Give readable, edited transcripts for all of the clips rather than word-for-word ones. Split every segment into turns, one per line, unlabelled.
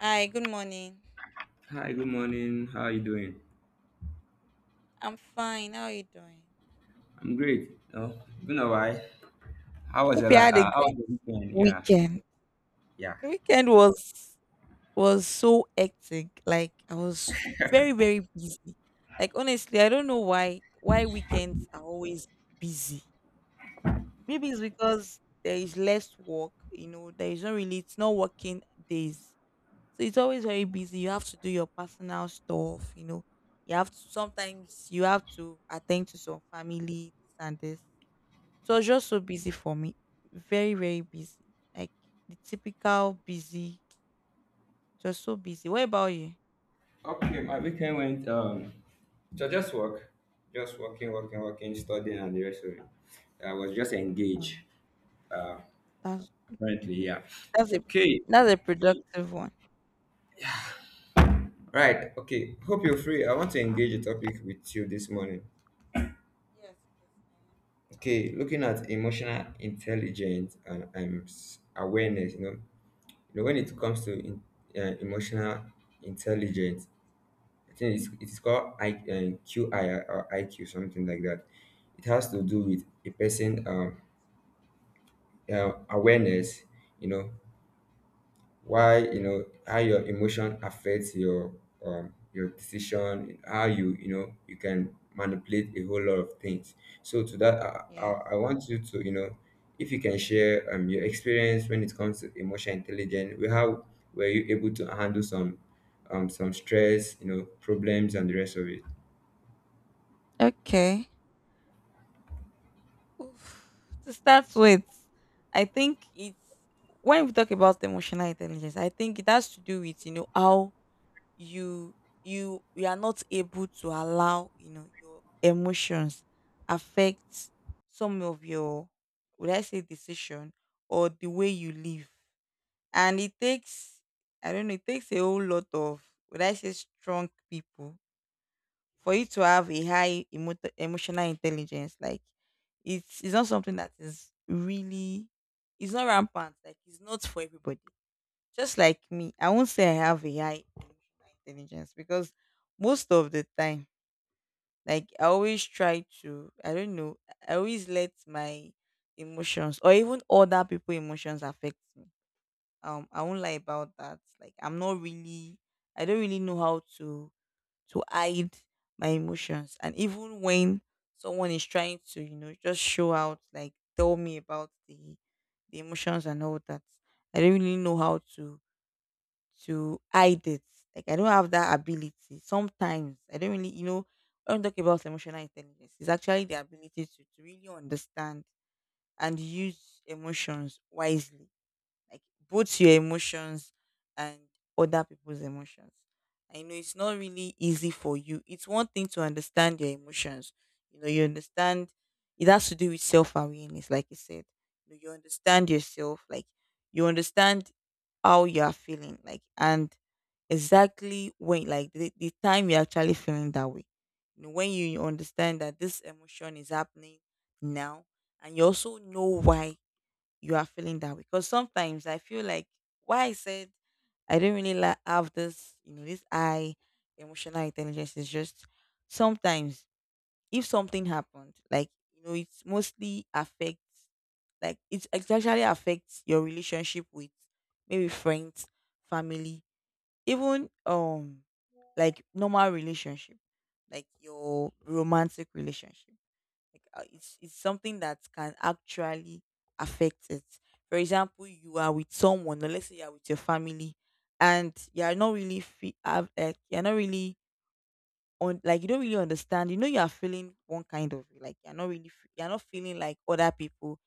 Hi, good morning.
Hi, good morning. How are you doing?
I'm fine. How are you doing?
I'm great. Oh, it's been a while. How was
Hope you had a
how was
great
your weekend? Yeah,
weekend.
yeah.
The weekend was so hectic. Like I was very busy. Like honestly, I don't know why weekends are always busy. Maybe it's because there is less work. You know, there is not really, it's not working days, so it's always very busy. You have to do your personal stuff. You know, you have to sometimes you have to attend to some family this and this. So it was just so busy for me. Very, very busy. Like the typical busy, just so busy. What about you?
Okay, my weekend went so just work, just working, studying, and the rest of it. I was just engaged.
Oh,
Uh,
that's
Apparently, yeah.
that's a
Okay,
that's a productive one.
right. Okay, hope you're free. I want to engage a topic with you this morning.
Yes, yes, I
Okay, looking at emotional intelligence and awareness. When it comes to emotional intelligence, I think it's called QI or IQ, something like that. It has to do with a person awareness, you know, why, how your emotion affects your decision, how you can manipulate a whole lot of things. So to that, I,
am.
I,
Yes.
I want you to, if you can share your experience when it comes to emotional intelligence, how were you able to handle some stress, problems and the rest of it?
Okay. Oof. To start with, I think it's when we talk about emotional intelligence, I think it has to do with, you know, how you you are not able to allow, you know, your emotions affect some of your, would I say, decision or the way you live. And it takes, I don't know, it takes a whole lot of, would I say, strong people for you to have a high emotional intelligence. Like it's not something that is really, it's not rampant, like it's not for everybody. Just like me, I won't say I have a high emotional intelligence because most of the time, like I always try to, I don't know, I always let my emotions or even other people' emotions affect me. I won't lie about that. Like I'm not really, I don't really know how to hide my emotions, and even when someone is trying to, you know, just show out, like tell me about the emotions and all that. I don't really know how to hide it. Like I don't have that ability. Sometimes I don't really, you know, when we talk about emotional intelligence, it's actually the ability to really understand and use emotions wisely, like both your emotions and other people's emotions. I know it's not really easy for you. It's one thing to understand your emotions. You know, you understand it has to do with self awareness, like you said. You know, you understand yourself, like you understand how you are feeling, like, and exactly when, like, the time you're actually feeling that way. You know, when you understand that this emotion is happening now and you also know why you are feeling that way. Because sometimes I feel like why I said I don't really like have this, you know, this I emotional intelligence is just sometimes if something happened, like, you know, it's mostly affects, like it's, it actually affects your relationship with maybe friends, family, even like normal relationship, like your romantic relationship. Like it's something that can actually affect it. For example, you are with someone, or let's say you are with your family, and you are not really have, like you're not really on, like you don't really understand. You know you are feeling one kind of way, like you're not really you're not feeling like other people.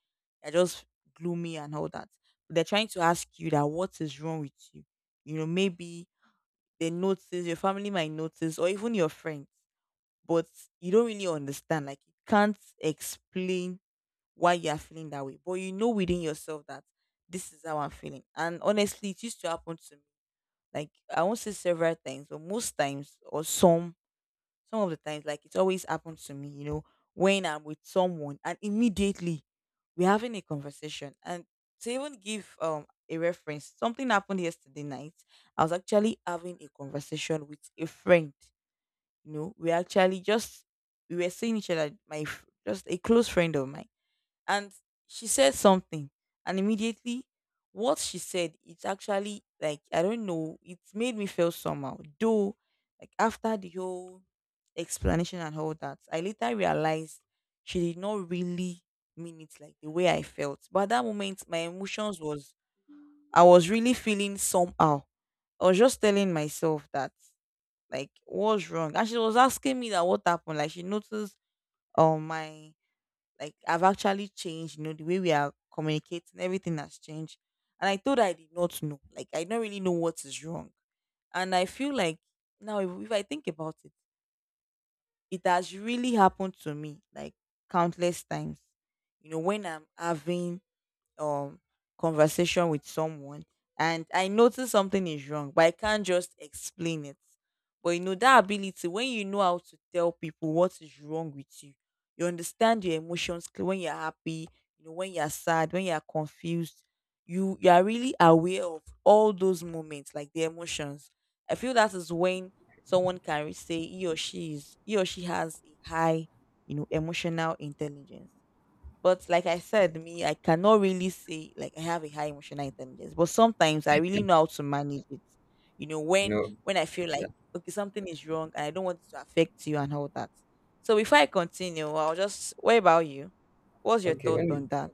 You're just gloomy and all that. They're trying to ask you that what is wrong with you. You know maybe they notice, your family might notice or even your friends, but you don't really understand. Like you can't explain why you are feeling that way. But you know within yourself that this is how I'm feeling. And honestly, it used to happen to me. Like I won't say several times, but most times or some of the times, like it always happens to me, you know, when I'm with someone and immediately we're having a conversation. And to even give a reference, something happened yesterday night. I was actually having a conversation with a friend. You know, we actually just we were seeing each other, my just a close friend of mine, and she said something, and immediately what she said, it's actually like, I don't know, it made me feel somehow though. Like after the whole explanation and all that, I later realized she did not really mean it like the way I felt. But at that moment my emotions was, I was really feeling somehow. I was just telling myself that, like, what's wrong. And she was asking me that what happened, like she noticed my, like, I've actually changed, you know, the way we are communicating, everything has changed. And I thought I did not know. Like I don't really know what is wrong. And I feel like now if I think about it, it has really happened to me like countless times. You know, when I'm having um conversation with someone and I notice something is wrong, but I can't just explain it. But you know that ability when you know how to tell people what is wrong with you, you understand your emotions clear when you're happy, you know, when you're sad, when you're confused, you are really aware of all those moments, like the emotions. I feel that is when someone can say he or she is, he or she has a high, you know, emotional intelligence. But like I said, me, I cannot really say like I have a high emotional intelligence. But sometimes I really know how to manage it. You know,
You
when
know,
when I feel like
yeah.
okay, something is wrong and I don't want it to affect you and all that. So before I continue, I'll just, what about you? What's your
Okay,
thought
when
on that?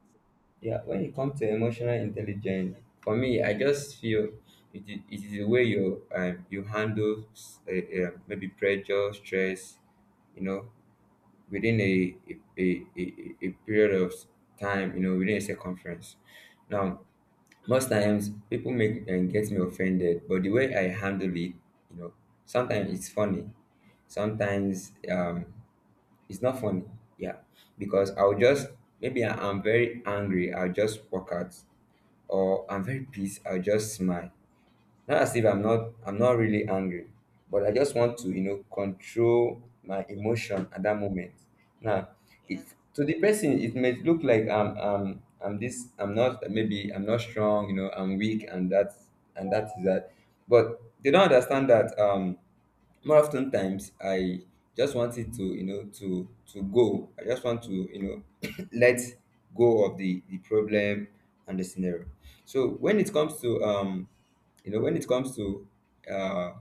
yeah, when it comes to emotional intelligence, for me, I just feel it is the way you handle maybe pressure, stress, you know, within a period of time, within a circumference. Now, most times people make and get me offended, but the way I handle it, you know, sometimes it's funny, sometimes it's not funny. Yeah. Because I'll just maybe I'm very angry, I'll just walk out. Or I'm very pissed, I'll just smile. Not as if I'm not really angry. But I just want to, control my emotion at that moment. Now it
Yes,
to the person it may look like I'm this I'm not maybe I'm not strong, I'm weak and that is that. But they don't understand that more often times I just wanted to go. I just want to let go of the problem and the scenario. So when it comes to you know when it comes to uh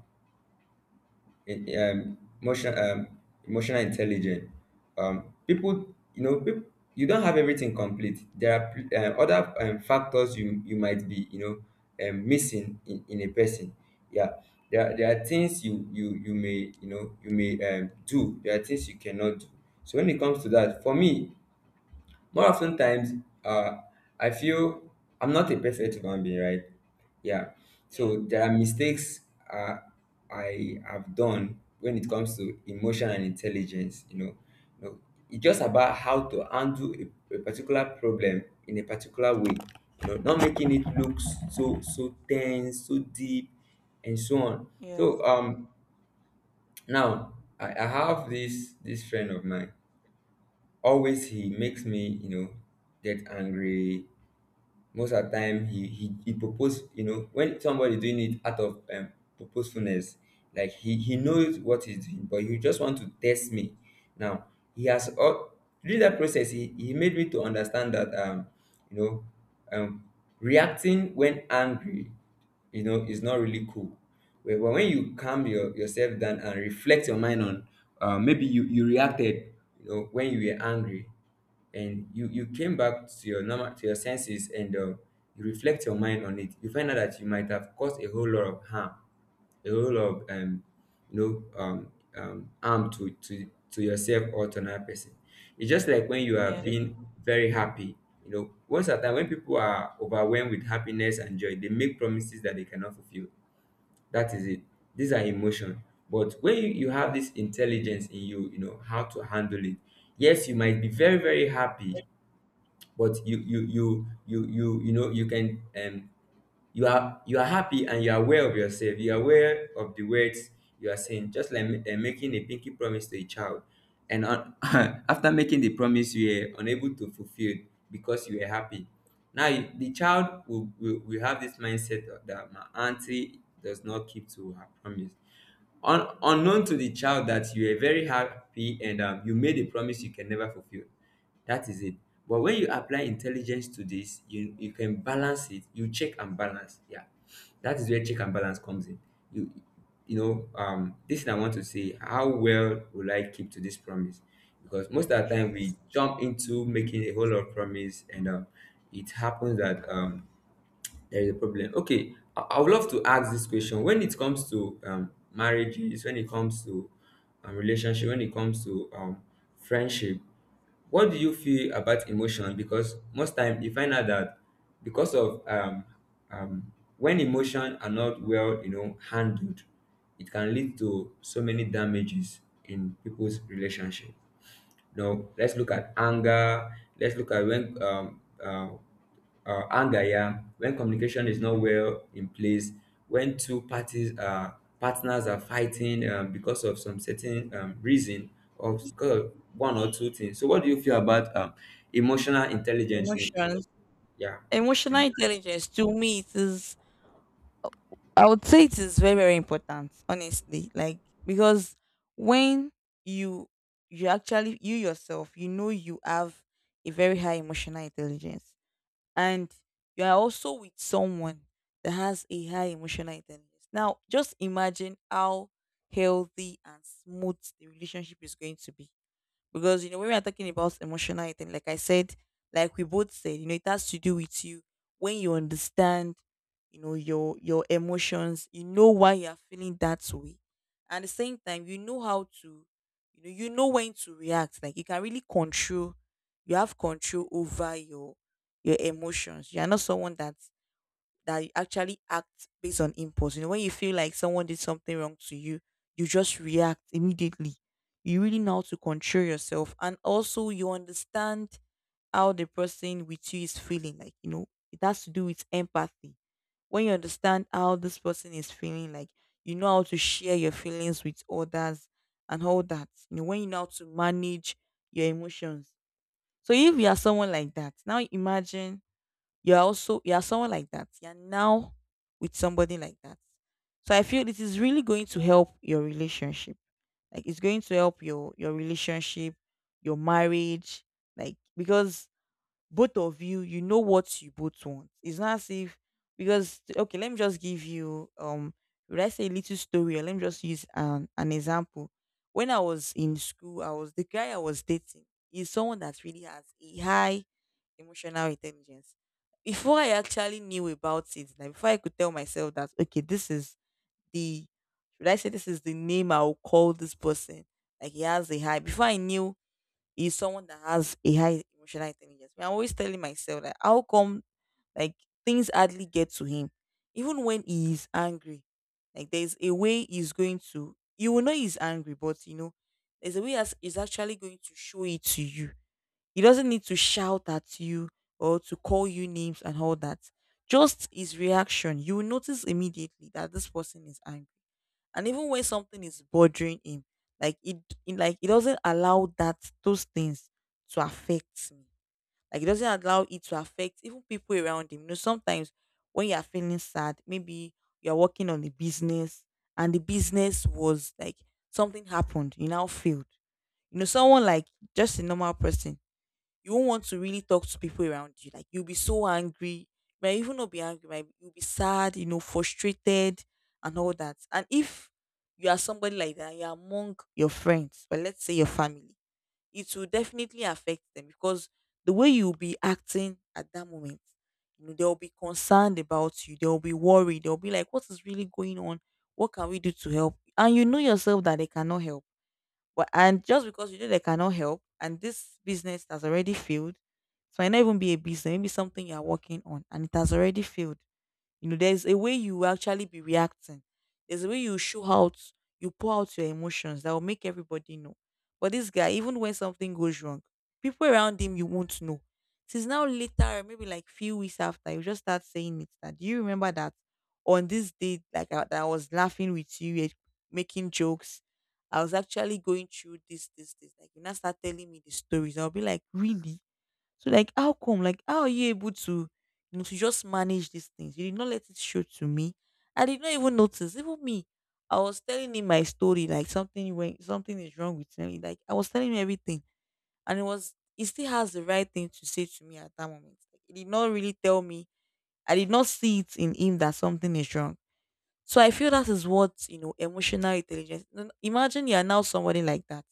in- um, emotion, um, emotional intelligence. Um, people, people, you don't have everything complete. There are other factors you might be, missing in a person. Yeah, there are things you may do. There are things you cannot do. So when it comes to that, for me, more often times, uh, I feel I'm not a perfect human being, right? Yeah.
yes,
So there are mistakes uh, I have done when it comes to emotion and intelligence. You know, it's just about how to handle a particular problem in a particular way. Not making it look so tense, so deep, and so on.
yes,
So now I have this friend of mine. Always he makes me, get angry. Most of the time he propose, when somebody doing it out of purposefulness, like he knows what he's doing, but he just want to test me. Now he has all through that process he made me to understand that you know, um reacting when angry is not really cool. But when you calm yourself down and reflect your mind on maybe you reacted when you were angry, and you came back to your normal to your senses, and you reflect your mind on it. You find out that you might have caused a whole lot of harm, a role of harm to yourself or to another person. It's just like when you are
yes,
being very happy. You know, once at a time when people are overwhelmed with happiness and joy, they make promises that they cannot fulfill. That is it. These are emotion. But when you have this intelligence in you, how to handle it. Yes, you might be very, very happy, but you can you are happy and you are aware of yourself. You are aware of the words you are saying, just like making a pinky promise to a child and on, after making the promise you were unable to fulfill because you were happy. Now the child will have this mindset of that my auntie does not keep to her promise. Unknown to the child that you are very happy and you made a promise you can never fulfill. That is it. But when you apply intelligence to this, you can balance it. You check and balance. Yeah. That is where check and balance comes in. You this thing I want to say, how well will I keep to this promise? Because most of the time
yes,
we jump into making a whole lot of promise and it happens that there is a problem. Okay, I would love to ask this question. When it comes to marriages, when it comes to relationship, when it comes to friendship, what do you feel about emotion?
yes.
Because most time you find out that because of um, when emotion are not well, handled, it can lead to so many damages in people's relationship. Now, let's look at anger. Let's look at when anger, yeah, when communication is not well in place, when two parties, partners, are fighting because of some certain reason or because of one or two things. So what do you feel about emotional intelligence in
Emotions.
yeah,
Emotional
in-
intelligence to me, it is, I would say it is very, very important, honestly. Like because when you you actually, you yourself, you know you have a very high emotional intelligence, and you are also with someone that has a high emotional intelligence. Now just imagine how healthy and smooth the relationship is going to be. Because, you know, when we are talking about emotional eating, like I said, like we both said, you know, it has to do with you. When you understand, you know, your emotions, you know why you are feeling that way. And at the same time, you know how to, you know when to react. Like you can really control, you have control over your emotions. You are not someone that you actually act based on impulse. You know, when you feel like someone did something wrong to you, you just react immediately. You really know how to control yourself. And also, you understand how the person with you is feeling. Like, you know, it has to do with empathy. When you understand how this person is feeling, like, you know how to share your feelings with others and all that. You know, when you know how to manage your emotions. So if you are someone like that, now imagine you're also, you're someone like that. You're now with somebody like that. So I feel it is really going to help your relationship. Like it's going to help your relationship, your marriage, like because both of you, you know what you both want. It's not as if, because, okay, let me just give you would I say a little story, or let me just use an example. When I was in school, I was, the guy I was dating is someone that really has a high emotional intelligence. Before I actually knew about it, like before I could tell myself that okay, this is the, should I say, this is the name I'll call this person. Like he has a high, before I knew, is someone that has a high emotional intelligence. I'm always telling myself that how come, like, things hardly get to him, even when he is angry. Like there's a way he's going to, you will know he's angry, but you know, there's a way as he's actually going to show it to you. He doesn't need to shout at you or to call you names and all that. Just his reaction, you will notice immediately that this person is angry. And even when something is bothering him, like it, like he doesn't allow that those things to affect me. Like he doesn't allow it to affect even people around him. You know sometimes when you're feeling sad, maybe you're working on a business, and the business was like, something happened, you now failed. You know someone like, just a normal person, you won't want to really talk to people around you. Like you'll be so angry. You might even not be angry, might, you'll be sad, you know, frustrated and all that. And if you are somebody like that, you're among your friends, but let's say your family, it will definitely affect them because the way you'll be acting at that moment, they'll be concerned about you, they'll be worried, they'll be like, what is really going on? What can we do to help? And you know yourself that they cannot help but and just because you know they cannot help, and this business has already failed, it might not even be a business, maybe something you are working on, and it has already failed. You know, there's a way you will actually be reacting. There's a way you show out, you pour out your emotions that will make everybody know. But this guy, even when something goes wrong, people around him you won't know. Since now later, maybe like few weeks after, you just start saying it. That do you remember that on this day, like I, that I was laughing with you, eh, making jokes. I was actually going through this, this, this. Like you now start telling me the stories. I'll be like, really? So like how come? Like how are you able to you know to just manage these things? You did not let it show to me. I did not even notice. Even me. I was telling him my story, like something is wrong with me. Like I was telling him everything. And it was he still has the right thing to say to me at that moment. Like, he did not really tell me. I did not see it in him that something is wrong. So I feel that is what you know emotional intelligence. No- no, Imagine you are now somebody like that.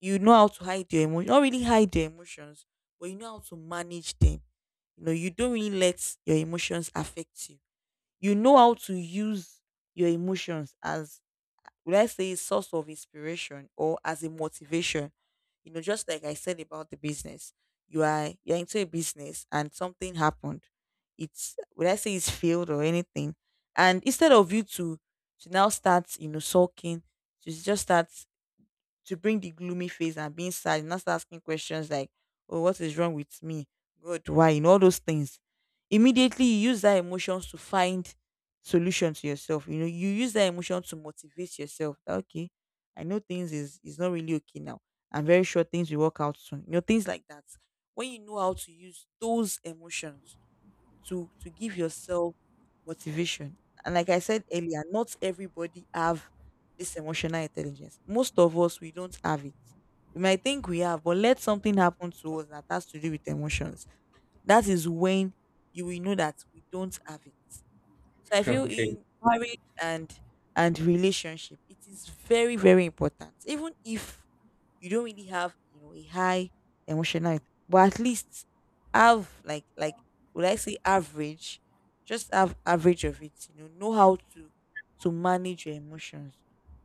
You know how to hide your emotion, not really hide your emotions, but you know how to manage them, you know, you don't really let your emotions affect you. You know how to use your emotions as, would I say, source of inspiration or as a motivation. You know, just like I said about the business, you're into a business and something happened. It's would I say it's failed or anything, and instead of you to now start, you know, sulking, to just start to bring the gloomy face and being sad, you start asking questions like, "Oh, what is wrong with me? God, why?" You know all those things. Immediately, you use that emotions to find solution to yourself. You know, you use that emotion to motivate yourself. That, okay, I know things is not really okay now. I'm very sure things will work out soon. You know, things like that. When you know how to use those emotions to give yourself motivation. And like I said earlier, not everybody have this emotional intelligence. Most of us we don't have it. We might think we have, but let something happen to us that has to do with emotions. That is when you will know that we don't have it. So I feel
okay,
in marriage and relationship, it is very, very important. Even if you don't really have you know a high emotional but at least have like would I say average, just have average of it, you know how to manage your emotions,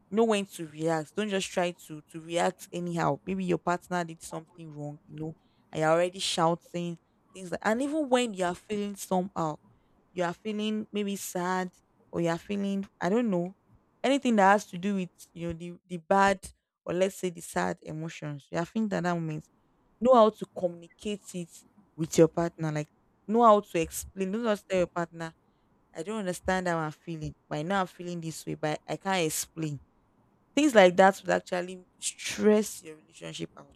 know when to react, don't just try to react anyhow. Maybe your partner did something wrong, you know, and you're already shouting things like, and even when you are feeling somehow, you are feeling maybe sad or you are feeling I don't know, anything that has to do with you know the bad or let's say the sad emotions you are feeling at that moment, know how to communicate it with your partner. Like know how to explain. Don't just tell your partner, I don't understand how I'm feeling, but I know I'm feeling this way, but I can't explain. Things like that would actually stress your relationship out.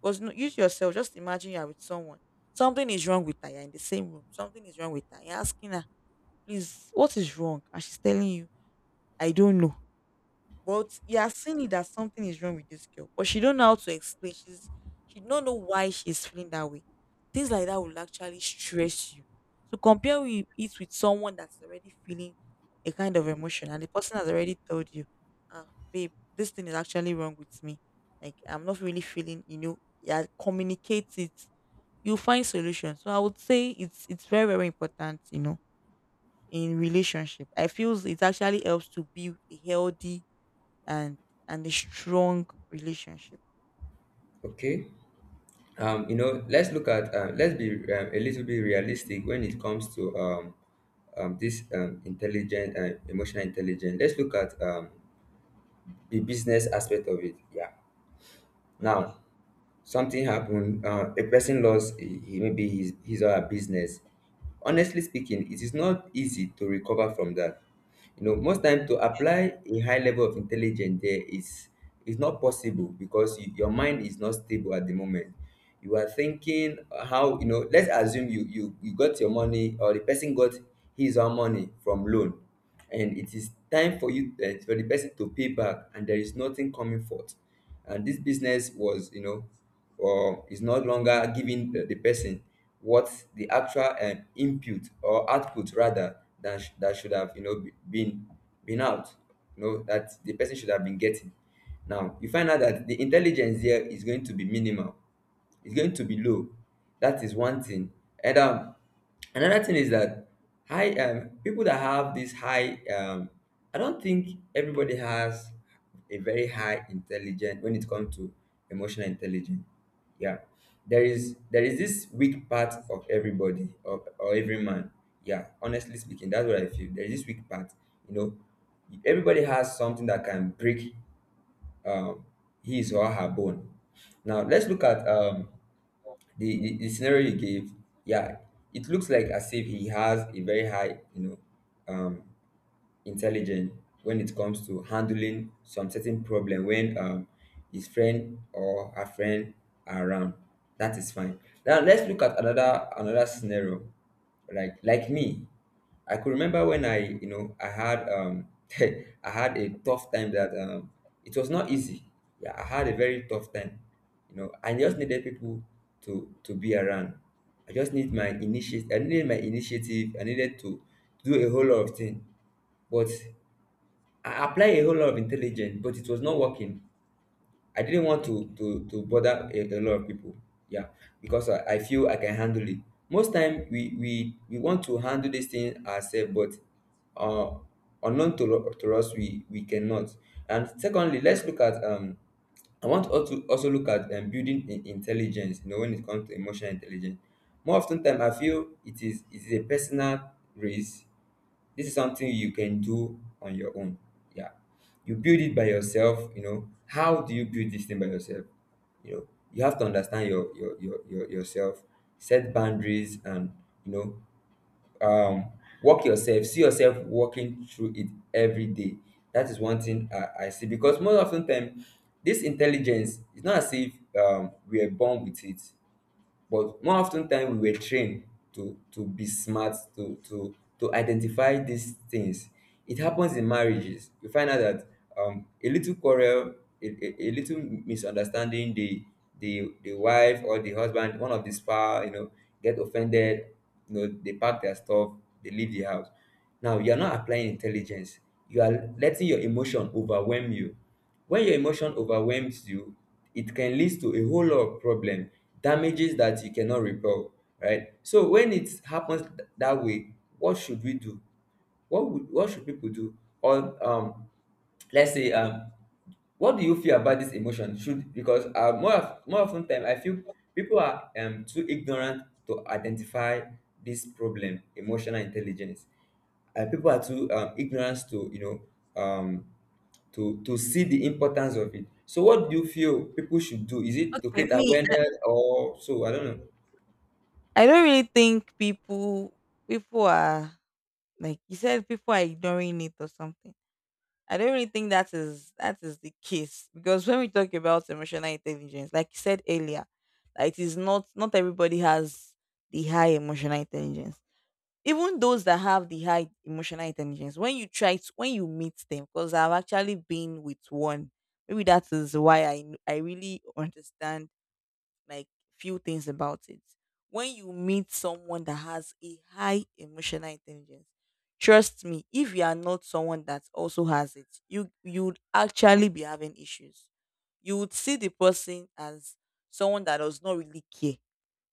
Because no, use yourself, just imagine you are with someone. Something is wrong with her. You're in the same room. Something is wrong with her. You're asking her, please, what is wrong? And she's telling you, I don't know, but you are seeing it that something is wrong with this girl, but she don't know how to explain. She don't know why she's feeling that way. Things like that will actually stress you. So compare with it with someone that's already feeling a kind of emotion, and the person has already told you, "Ah, babe, this thing is actually wrong with me. Like I'm not really feeling." You know, yeah, communicate it. You find solutions. So I would say it's very, very important. You know, in relationship, I feel it actually helps to build a healthy and and a strong relationship.
okay, let's look at let's be a little bit realistic when it comes to this intelligent emotional intelligence. Let's look at the business aspect of it, yeah. Now
Okay.
something happened. A person lost, he maybe his or her business. Honestly speaking, it is not easy to recover from that. Most time to apply a high level of intelligence there is not possible, because your mind is not stable at the moment. You are thinking how, let's assume you got your money, or the person got his or her money from loan, and it is time for you for the person to pay back, and there is nothing coming forth, and this business was, or is no longer giving the person what the actual input, or output rather, that should have been out, that the person should have been getting. Now you find out that the intelligence here is going to be minimal, it's going to be low. That is one thing. And another thing is that high, people that have this high, I don't think everybody has a very high intelligence when it comes to emotional intelligence. Yeah, there is this weak part of everybody or every man. Yeah, honestly speaking, that's what I feel. There is this weak part. You know, everybody has something that can break um, his or her bone. Now let's look at the scenario you gave, yeah, it looks like as if he has a very high, um, intelligent when it comes to handling some certain problem when his friend or her friend are around. That is fine. Now let's look at another scenario. Like me, I could remember when I you know I had I had a tough time that it was not easy. Yeah, I had a very tough time. You know, I just needed people to be around. I just need my initiative. I needed my initiative. I needed to do a whole lot of things. But I applied a whole lot of intelligence, but it was not working. I didn't want to
Okay.
to to bother a lot of people. Yeah, because I feel I can handle it. Most time we want to handle this thing ourselves, but uh, unknown to us, we cannot. And secondly, let's look at. I want us to also look at building intelligence. When it comes to emotional intelligence, more often time I feel it is a personal race. This is something you can do on your own. Yeah. You build it by yourself. How do you build this thing by yourself? You know, you have to understand your yourself, set boundaries and you know, um work yourself, see yourself working through it every day. That is one thing I see because most often time this intelligence is not as if we are born with it, but more often time we were trained to be smart, to identify these things. It happens in marriages. You find out that a little quarrel, a little misunderstanding, the wife or the husband, one of the spouse, get offended. You know, they pack their stuff, they leave the house. Now you are not applying
Yeah.
intelligence. You are letting your emotion overwhelm you. When your emotion overwhelms you, it can lead to a whole lot of problem, damages that you cannot repel. Right, so when it happens that way, what should we do? What would what should people do or Let's say, what do you feel about this emotion should, because more often time I feel people are too ignorant to identify this problem, emotional intelligence. People are too ignorant to, you know, to see the importance of it. So what do you feel people should do? Is it to
Okay,
create
me,
awareness or so? I don't know.
I don't really think people are, like you said, people are ignoring it or something. I don't really think that is the case because when we talk about emotional intelligence, like you said earlier, like it is not, not everybody has the high emotional intelligence. Even those that have the high emotional intelligence, when you try to, when you meet them, because I've actually been with one, maybe that is why I really understand, like, few things about it. When you meet someone that has a high emotional intelligence, trust me, if you are not someone that also has it, you'd actually be having issues. You would see the person as someone that does not really care,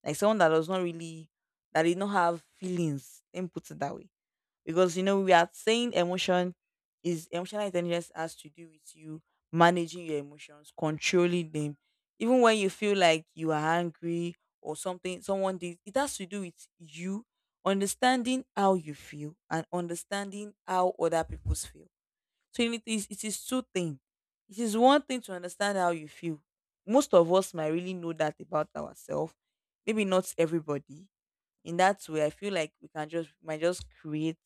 like someone that does not really, that did not have feelings. Let me put it that way, because you know we are saying emotional intelligence has to do with you managing your emotions, controlling them, even when you feel like you are angry or something someone did. It has to do with you understanding how you feel and understanding how other people's feel. So you need, it is two things. It is one thing to understand how you feel. Most of us might really know that about ourselves. Maybe not everybody. In that way, I feel like we can just might just create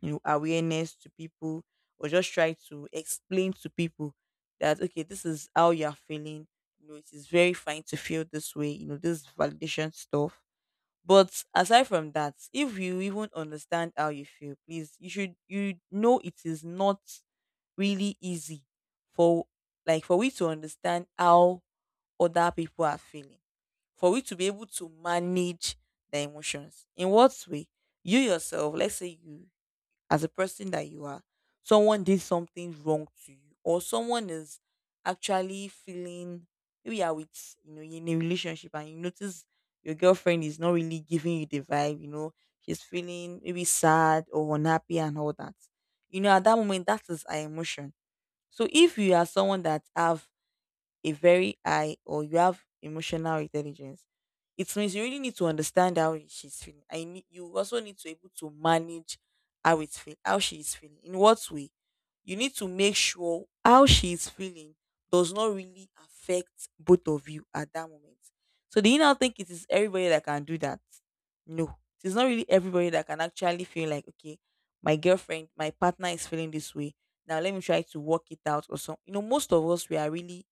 you know awareness to people, or just try to explain to people that okay, this is how you are feeling. You know, it is very fine to feel this way, you know, this validation stuff, but aside from that, if you even understand how you feel, please, you should, you know, it is not really easy for, like, for we to understand how other people are feeling, for we to be able to manage the emotions. In what way? You yourself, let's say you as a person that you are, someone did something wrong to you, or someone is actually feeling, maybe you're with, you know, you're in a relationship and you notice your girlfriend is not really giving you the vibe, you know, she's feeling maybe sad or unhappy and all that. You know, at that moment that is her emotion. So if you are someone that have a very high or you have emotional intelligence, it means you really need to understand how she's feeling. I need, you also need to able to manage how she is feeling. In what way? You need to make sure how she is feeling does not really affect both of you at that moment. So do you now think it is everybody that can do that? No. It's not really everybody that can actually feel like, okay, my girlfriend, my partner is feeling this way. Now let me try to work it out or something. You know, most of us we are really,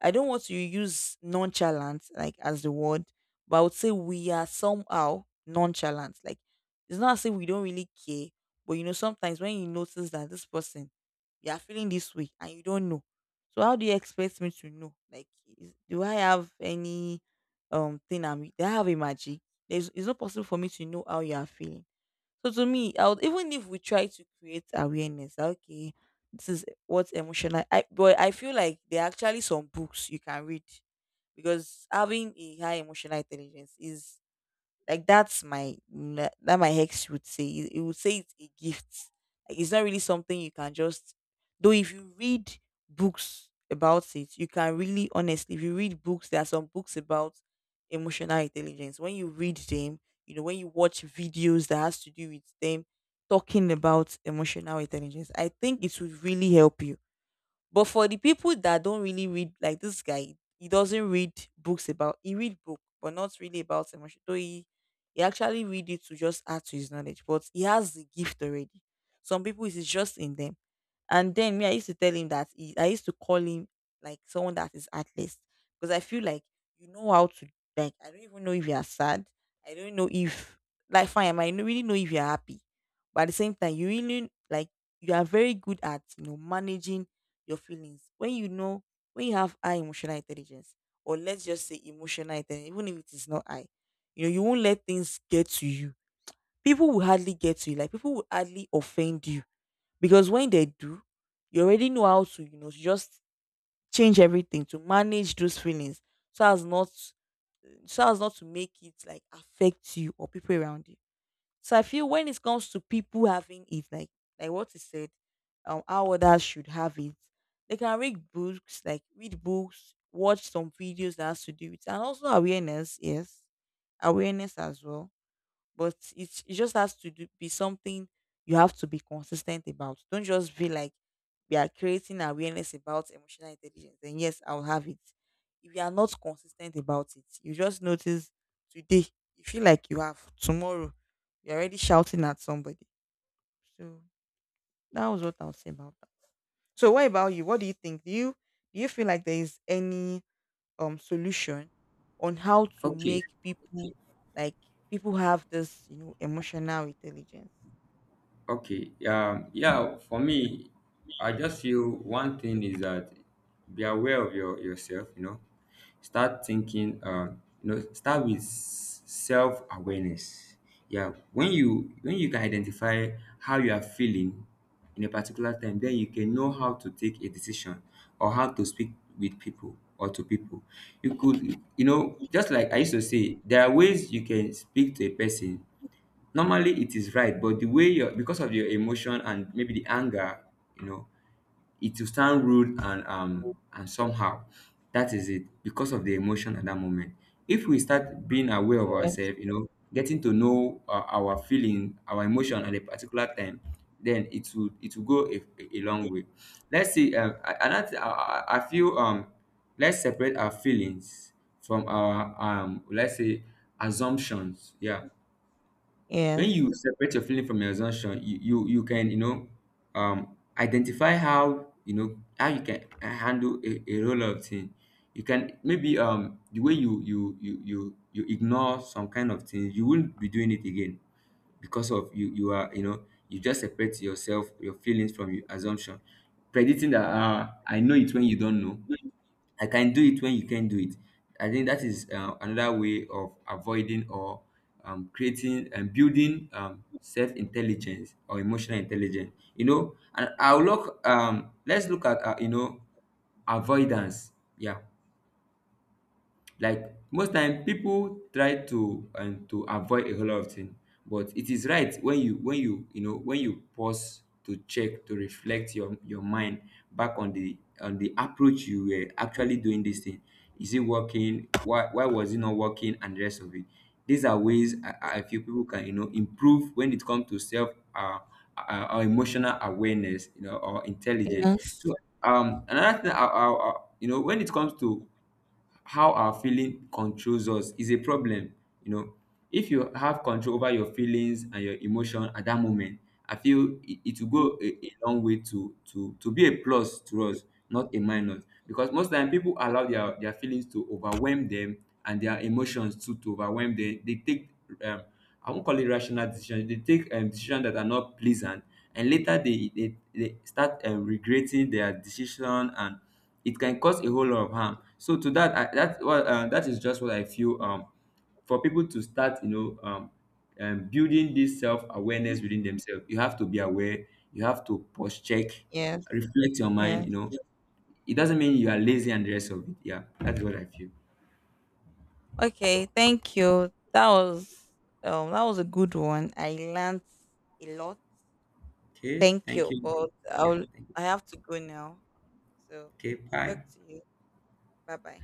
I don't want to use nonchalant, like, as the word, but I would say we are somehow nonchalant. Like, it's not as if we don't really care, but you know, sometimes when you notice that this person, you are feeling this way and you don't know. So how do you expect me to know? Like, is, do I have any thing, I'm do I have a magic? There's It's not possible for me to know how you are feeling. So to me, I would, even if we try to create awareness, that, okay, this is what emotional, I, but I feel like there are actually some books you can read, because having a high emotional intelligence is like, that's my that my ex would say. He would say it's a gift. Like it's not really something you can just. Though if you read books about it, you can really, honestly. If you read books, there are some books about emotional intelligence. When you read them, you know, when you watch videos that has to do with them talking about emotional intelligence, I think it would really help you. But for the people that don't really read, like this guy, he doesn't read books about. He read book, but not really about emotion. Though he actually read it to just add to his knowledge. But he has the gift already. Some people it is just in them, and then me, I used to tell him that he, I used to call him, like, someone that is heartless, because I feel like you know how to, like. I don't even know if you are sad. I don't know if, like, fine. I might not really know if you are happy, but at the same time, you really, like, you are very good at you know managing your feelings. When you know, when you have high emotional intelligence, or let's just say emotional intelligence, even if it is not high. You know, you won't let things get to you. People will hardly get to you. Like, people will hardly offend you because when they do, you already know how to, you know, just change everything to manage those feelings so as not, so as not to make it like affect you or people around you. So I feel when it comes to people having it, like what is said, how others should have it, they can read books, like read books, watch some videos that has to do with, and also awareness. Yes, awareness as well. But it's, it just has to do, be something you have to be consistent about. Don't just be like, we are creating awareness about emotional intelligence. And yes, I'll have it. If you are not consistent about it, you just notice today you feel like you have tomorrow. You're already shouting at somebody. So that was what I'll say about that. So what about you? What do you think? Do you, do you feel like there is any solution on how to
Okay.
make people, like, people have this you know emotional intelligence?
Okay, yeah, for me, I just feel one thing is that be aware of yourself, you know. Start thinking, you know, start with self awareness. Yeah, when you can identify how you are feeling in a particular time, then you can know how to take a decision or how to speak with people or to people. You could, you know, just like I used to say, there are ways you can speak to a person normally it is right, but the way your, because of your emotion and maybe the anger, you know, it will sound rude and somehow, that is it because of the emotion at that moment. If we start being aware of
Yes.
ourselves, you know, getting to know our feeling, our emotion at a particular time, then it will go a long way. Let's see, another I feel, let's separate our feelings from our, let's say, assumptions. Yeah, when
Yes.
you separate your feeling from your assumption, you can, you know, identify how, you know, how you can handle a role of thing. You can maybe, the way you ignore some kind of things, you won't be doing it again because of you, you are, you know, you just separate yourself, your feelings from your assumption, predicting that I know it when you don't know, I can do it when you can do it. I think that is another way of avoiding or creating and building self intelligence or emotional intelligence. You know, and I'll look. Let's look at you know, avoidance. Yeah, like most time people try to and to avoid a whole lot of things, but it is right when you, when you know, when you pause to check, to reflect your mind back on the approach you were actually doing this thing. Is it working? Why was it not working? And the rest of it. These are ways I feel people can, you know, improve when it comes to self or emotional awareness, you know, or intelligence.
Yes.
So another thing you know, when it comes to how our feeling controls us is a problem, you know. If you have control over your feelings and your emotion at that moment, I feel it will go a long way to to be a plus to us, not a minus, because most time people allow their feelings to overwhelm them and their emotions too to overwhelm them. They take um I won't call it rational decisions, they take decisions that are not pleasant, and later they start regretting their decision, and it can cause a whole lot of harm. So to that, I, that well, that is just what I feel. For people to start, you know, building this self awareness within themselves, you have to be aware. You have to post check,
Yes.
reflect your mind.
Yeah.
You know, it doesn't mean you are lazy and the rest of it. Yeah, that's what I feel.
Okay, thank you. That was that was a good one. I learned a lot.
Okay,
Thank
thank
you,
you.
but
Yeah,
I'll,
thank you.
I have to go now. So
Okay,
talk
bye.
to you. Bye bye.